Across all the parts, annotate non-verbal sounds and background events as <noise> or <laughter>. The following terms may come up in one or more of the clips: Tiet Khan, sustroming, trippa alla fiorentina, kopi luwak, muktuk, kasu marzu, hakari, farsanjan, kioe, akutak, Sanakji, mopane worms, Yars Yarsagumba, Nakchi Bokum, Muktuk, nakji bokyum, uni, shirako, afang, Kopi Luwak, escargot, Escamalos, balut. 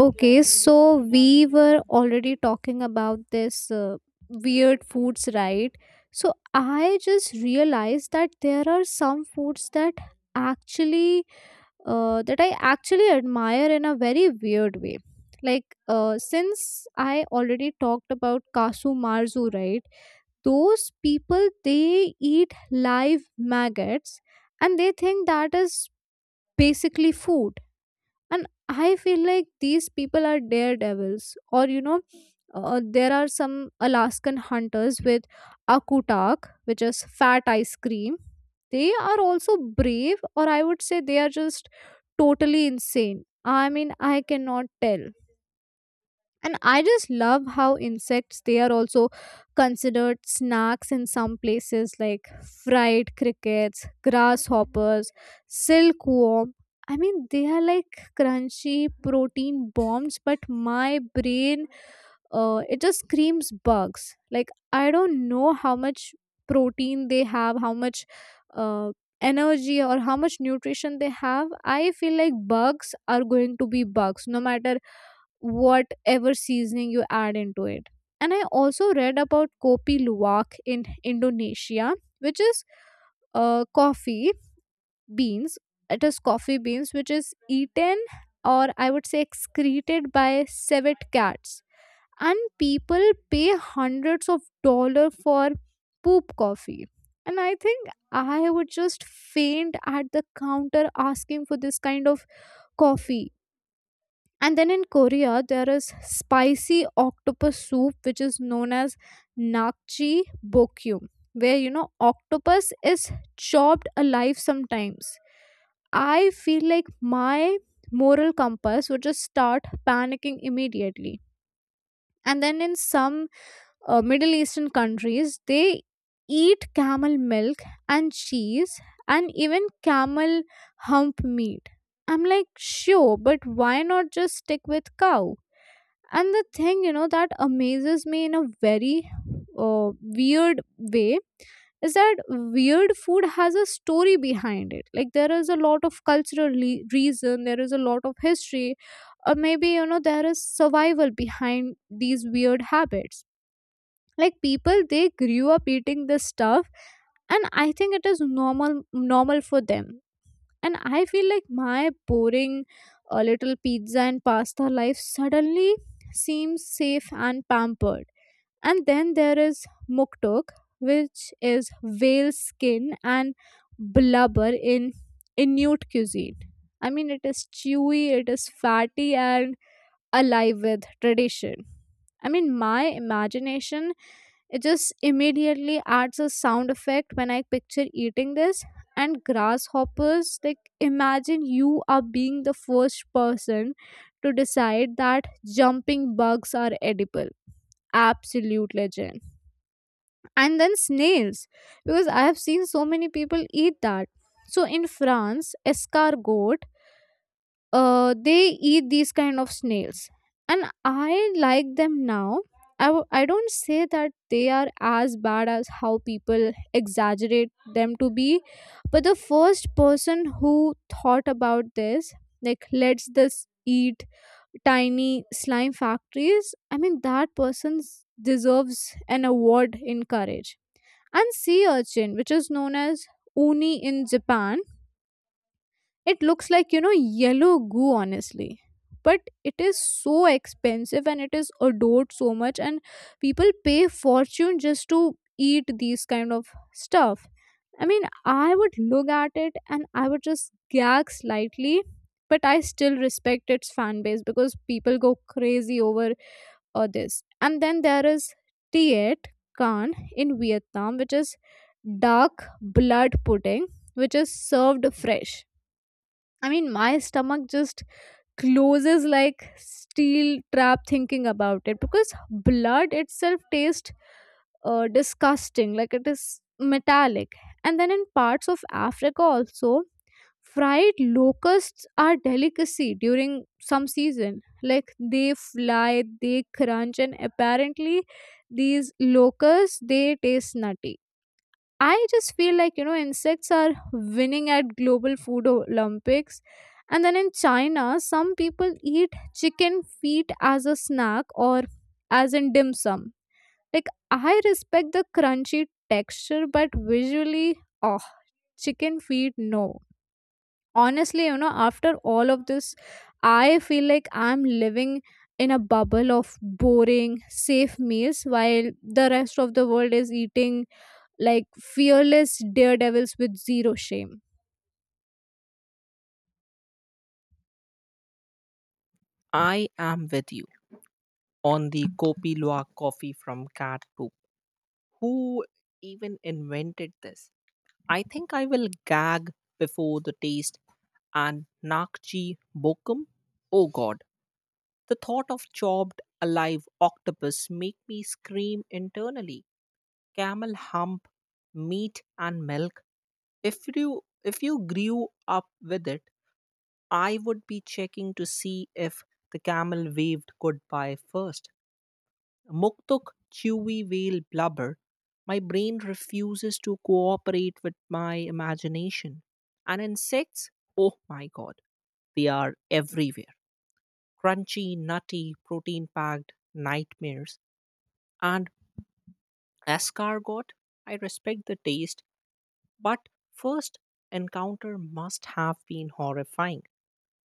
Okay, so we were already talking about this weird foods, right? So I just realized that there are some foods that actually, that I actually admire in a very weird way. Like, since I already talked about kasu marzu, right? Those people they eat live maggots and they think that is basically food, and I feel like these people are daredevils. Or you know, there are some Alaskan hunters with akutak, which is fat ice cream. They are also brave, or I would say they are just totally insane. I mean, I cannot tell. And I just love how insects, they are also considered snacks in some places, like fried crickets, grasshoppers, silkworm. I mean, they are like crunchy protein bombs, but my brain, it just screams bugs. Like, I don't know how much protein they have, how much uh, energy or how much nutrition they have. I feel like bugs are going to be bugs no matter whatever seasoning you add into it. And I also read about kopi luwak in Indonesia, which is coffee beans. It is coffee beans which is eaten, or I would say excreted by civet cats. And people pay hundreds of dollars for poop coffee. And I think I would just faint at the counter asking for this kind of coffee. And then in Korea, there is spicy octopus soup, which is known as nakji bokyum, where you know octopus is chopped alive sometimes. I feel like my moral compass would just start panicking immediately. And then in some Middle Eastern countries, they eat camel milk and cheese and even camel hump meat. I'm like, sure, but why not just stick with cow? And the thing you know that amazes me in a very weird way is that weird food has a story behind it. Like, there is a lot of cultural reason, there is a lot of history, or maybe you know there is survival behind these weird habits. Like, people they grew up eating this stuff, and I think it is normal for them. And I feel like my boring, a little pizza and pasta life suddenly seems safe and pampered. And then there is muktuk, which is whale skin and blubber in Inuit cuisine. I mean, it is chewy, it is fatty, and alive with tradition. I mean, my imagination, it just immediately adds a sound effect when I picture eating this. And grasshoppers, like imagine you are being the first person to decide that jumping bugs are edible. Absolute legend. And then snails, because I have seen so many people eat that. So in France, escargot, they eat these kind of snails, and I like them now. I don't say that they are as bad as how people exaggerate them to be, but the first person who thought about this, like let's this eat tiny slime factories, I mean that person deserves an award in courage. And sea urchin, which is known as uni in Japan, it looks like, you know, yellow goo, honestly. But it is so expensive and it is adored so much, and people pay fortune just to eat these kind of stuff. I mean, I would look at it and I would just gag slightly, but I still respect its fan base because people go crazy over this. And then there is Tiet Khan in Vietnam, which is dark blood pudding, which is served fresh. I mean, my stomach just closes like steel trap thinking about it, because blood itself tastes disgusting, like it is metallic. And then in parts of Africa also, fried locusts are delicacy during some season. Like, they fly, they crunch, and apparently these locusts they taste nutty. I just feel like, you know, insects are winning at global food Olympics. And then in China, some people eat chicken feet as a snack or as in dim sum. Like, I respect the crunchy texture, but visually, oh, chicken feet, no. Honestly, you know, after all of this, I feel like I'm living in a bubble of boring, safe meals while the rest of the world is eating like fearless daredevils with zero shame. I am with you on the Kopi Luwak coffee from cat poop. Who even invented this? I think I will gag before the taste and Nakchi Bokum. Oh god, the thought of chopped alive octopus make me scream internally. Camel hump, meat and milk. If you grew up with it, I would be checking to see if the camel waved goodbye first. Muktuk Chewy Whale blubber, my brain refuses to cooperate with my imagination. And insects, oh my god, they are everywhere. Crunchy, nutty, protein packed nightmares. And escargot, I respect the taste, but first encounter must have been horrifying.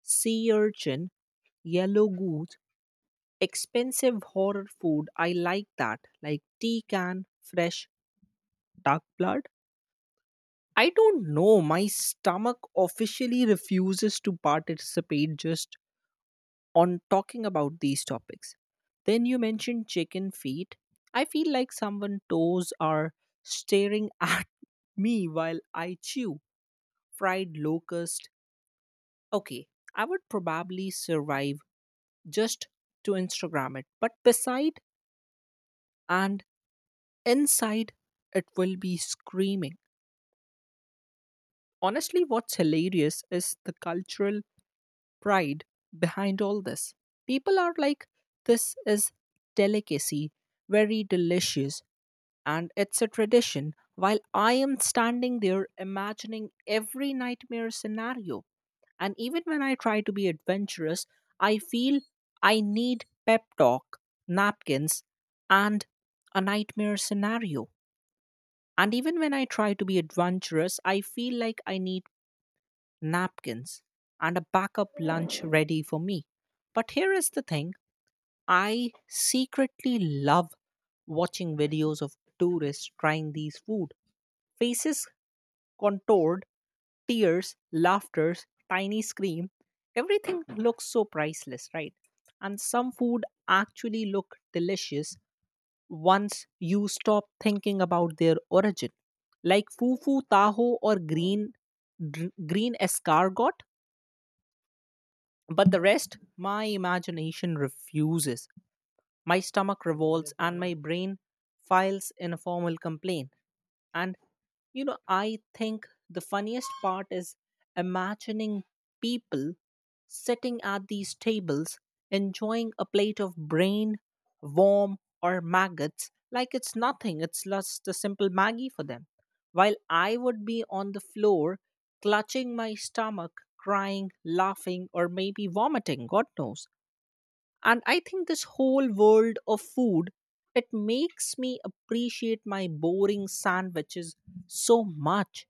Sea urchin, yellow goose, expensive horror food. I like that, like tea can, fresh dark blood? I don't know. My stomach officially refuses to participate just on talking about these topics. Then you mentioned chicken feet. I feel like someone toes are staring <laughs> at me while I chew fried locust. Okay, I would probably survive just to Instagram it, but beside and inside it will be screaming. Honestly, what's hilarious is the cultural pride behind all this. People are like, this is delicacy, very delicious, and it's a tradition, while I am standing there imagining every nightmare scenario. And even when I try to be adventurous, I feel I need pep talk, napkins, and a nightmare scenario. And even when I try to be adventurous, I feel like I need napkins, and a backup lunch ready for me. But here is the thing I secretly love watching videos of tourists trying these food. Faces contoured, tears, laughters, tiny scream. Everything looks so priceless, right? And some food actually look delicious once you stop thinking about their origin. Like fufu taho or green green escargot. But the rest, my imagination refuses. My stomach revolts and my brain files in a formal complaint. And you know, I think the funniest part is imagining people sitting at these tables enjoying a plate of brain, worm, or maggots like it's nothing, it's just a simple Maggie for them. While I would be on the floor clutching my stomach, crying, laughing, or maybe vomiting, God knows. And I think this whole world of food, it makes me appreciate my boring sandwiches so much.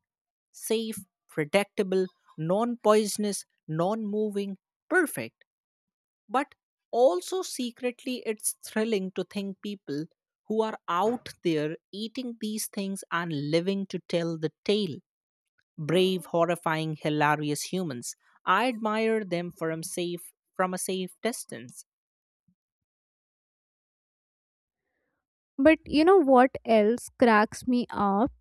Safe, predictable, non poisonous, non moving, perfect. But also secretly it's thrilling to think people who are out there eating these things and living to tell the tale, brave horrifying hilarious humans. I admire them from a safe distance. But you know what else cracks me up?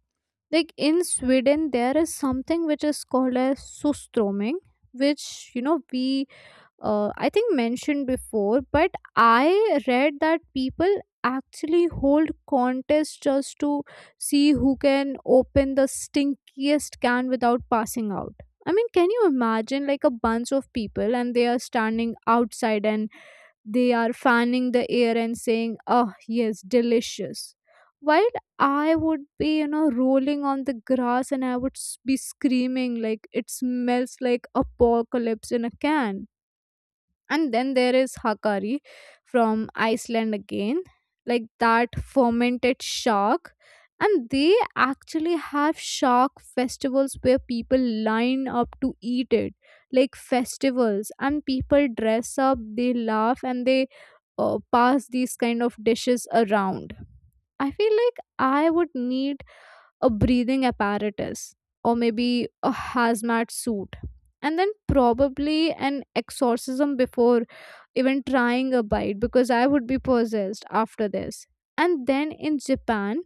Like in Sweden, there is something which is called as sustroming, which you know we, I think, mentioned before. But I read that people actually hold contests just to see who can open the stinkiest can without passing out. I mean, can you imagine like a bunch of people and they are standing outside and they are fanning the air and saying, "Oh, yes, delicious." While I would be, you know, rolling on the grass and I would be screaming like it smells like apocalypse in a can. And then there is hakari from Iceland again, like that fermented shark. And they actually have shark festivals where people line up to eat it. Like festivals, and people dress up, they laugh, and they pass these kind of dishes around. I feel like I would need a breathing apparatus or maybe a hazmat suit, and then probably an exorcism before even trying a bite, because I would be possessed after this. And then in Japan,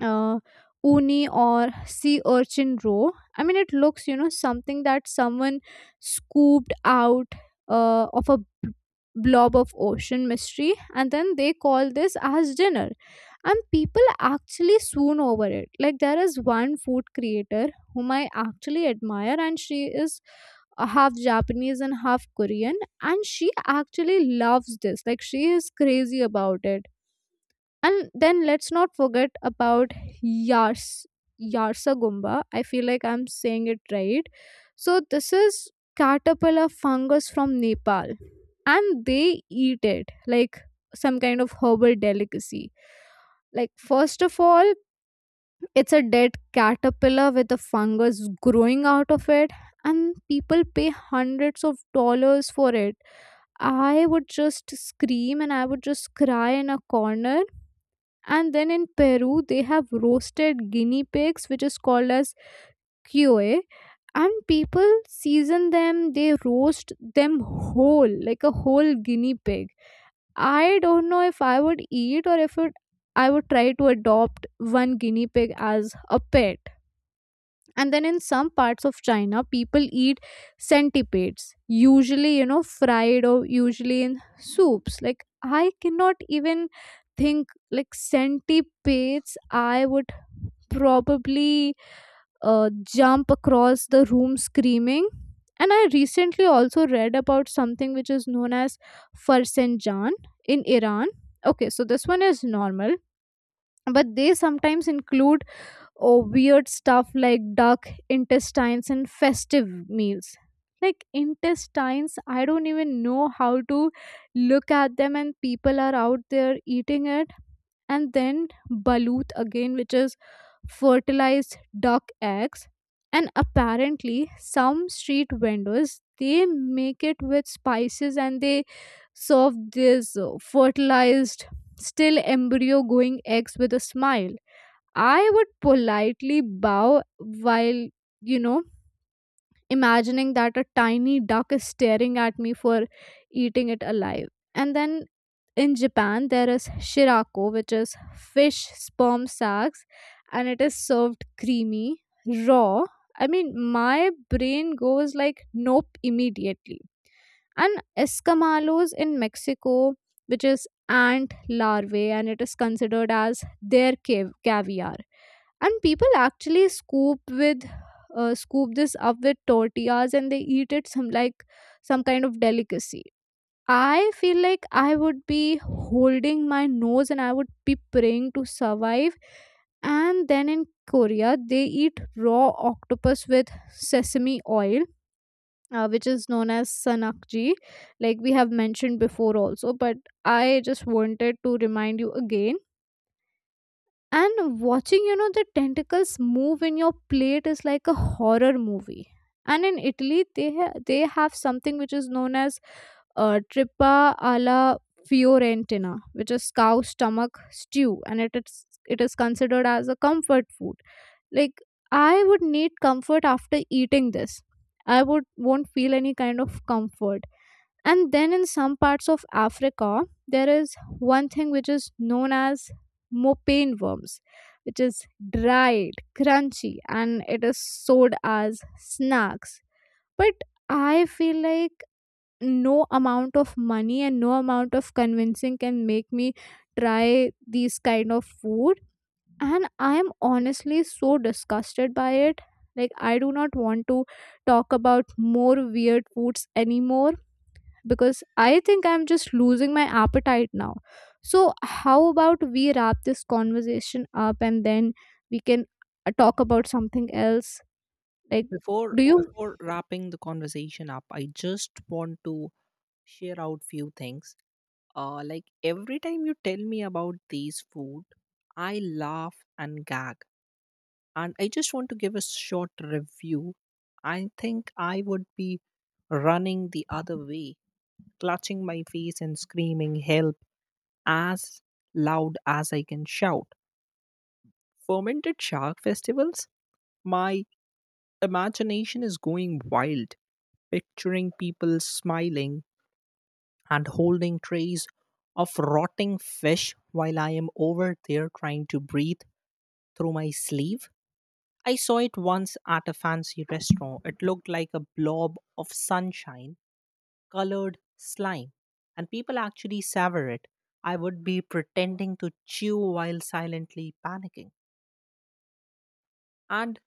uh, uni or sea urchin row. I mean, it looks, you know, something that someone scooped out of a blob of ocean mystery, and then they call this as dinner. And people actually swoon over it. Like, there is one food creator whom I actually admire, and she is half Japanese and half Korean, and she actually loves this. Like, she is crazy about it. And then let's not forget about Yars Yarsagumba. I feel like I'm saying it right. So this is caterpillar fungus from Nepal, and they eat it like some kind of herbal delicacy. Like, first of all, it's a dead caterpillar with a fungus growing out of it, and people pay hundreds of dollars for it. I would just scream and I would just cry in a corner. And then in Peru, they have roasted guinea pigs, which is called as kioe. And people season them, they roast them whole like a whole guinea pig. I don't know if I would eat, or if it, I would try to adopt one guinea pig as a pet. And then in some parts of China, people eat centipedes, usually you know fried or usually in soups. Like, I cannot even think. Like centipedes, I would probably uh, jump across the room screaming. And I recently also read about something which is known as farsanjan in Iran. Okay, so this one is normal, but they sometimes include or weird stuff like duck intestines and festive meals. Like intestines, I don't even know how to look at them, and people are out there eating it. And then balut again, which is fertilized duck eggs. And apparently, some street vendors they make it with spices and they serve this fertilized, still embryo going eggs with a smile. I would politely bow while, you know, imagining that a tiny duck is staring at me for eating it alive. And then in Japan, there is shirako, which is fish sperm sacs, and it is served creamy, raw. I mean, my brain goes like, nope, immediately. And Escamalos in Mexico, which is ant larvae, and it is considered as their caviar. And people actually scoop with, scoop this up with tortillas and they eat it some like some kind of delicacy. I feel like I would be holding my nose and I would be praying to survive. And then in Korea, they eat raw octopus with sesame oil, which is known as Sanakji, like we have mentioned before also. But I just wanted to remind you again. And watching, you know, the tentacles move in your plate is like a horror movie. And in Italy, they they have something which is known as, trippa alla fiorentina, which is cow stomach stew, and it is considered as a comfort food. Like, I would need comfort after eating this. I would won't feel any kind of comfort. And then in some parts of Africa, there is one thing which is known as mopane worms, which is dried, crunchy, and it is sold as snacks. But I feel like no amount of money and no amount of convincing can make me try these kind of food. And I am honestly so disgusted by it. Like, I do not want to talk about more weird foods anymore, because I think I'm just losing my appetite now. So, how about we wrap this conversation up and then we can, talk about something else? Like, Before do you? before wrapping the conversation up, I just want to share out few things. Like every time you tell me about these food, I laugh and gag, and I just want to give a short review. I think I would be running the other way, clutching my face and screaming help as loud as I can shout. Fermented shark festivals? My imagination is going wild, picturing people smiling and holding trays of rotting fish while I am over there trying to breathe through my sleeve. I saw it once at a fancy restaurant. It looked like a blob of sunshine colored slime, and people actually savor it. I would be pretending to chew while silently panicking. And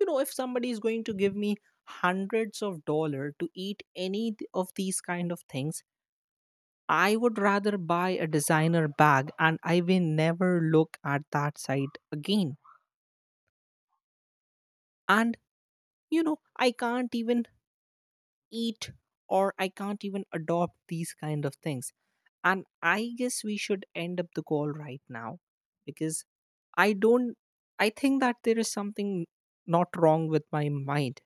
you know, if somebody is going to give me hundreds of dollar to eat any of these kind of things, I would rather buy a designer bag and I will never look at that site again. And you know, I can't even eat or I can't even adopt these kind of things. And I guess we should end up the call right now because I don't I think that there is something not wrong with my mind.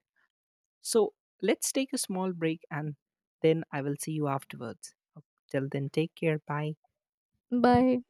So let's take a small break and then I will see you afterwards. Till then, take care. Bye. Bye.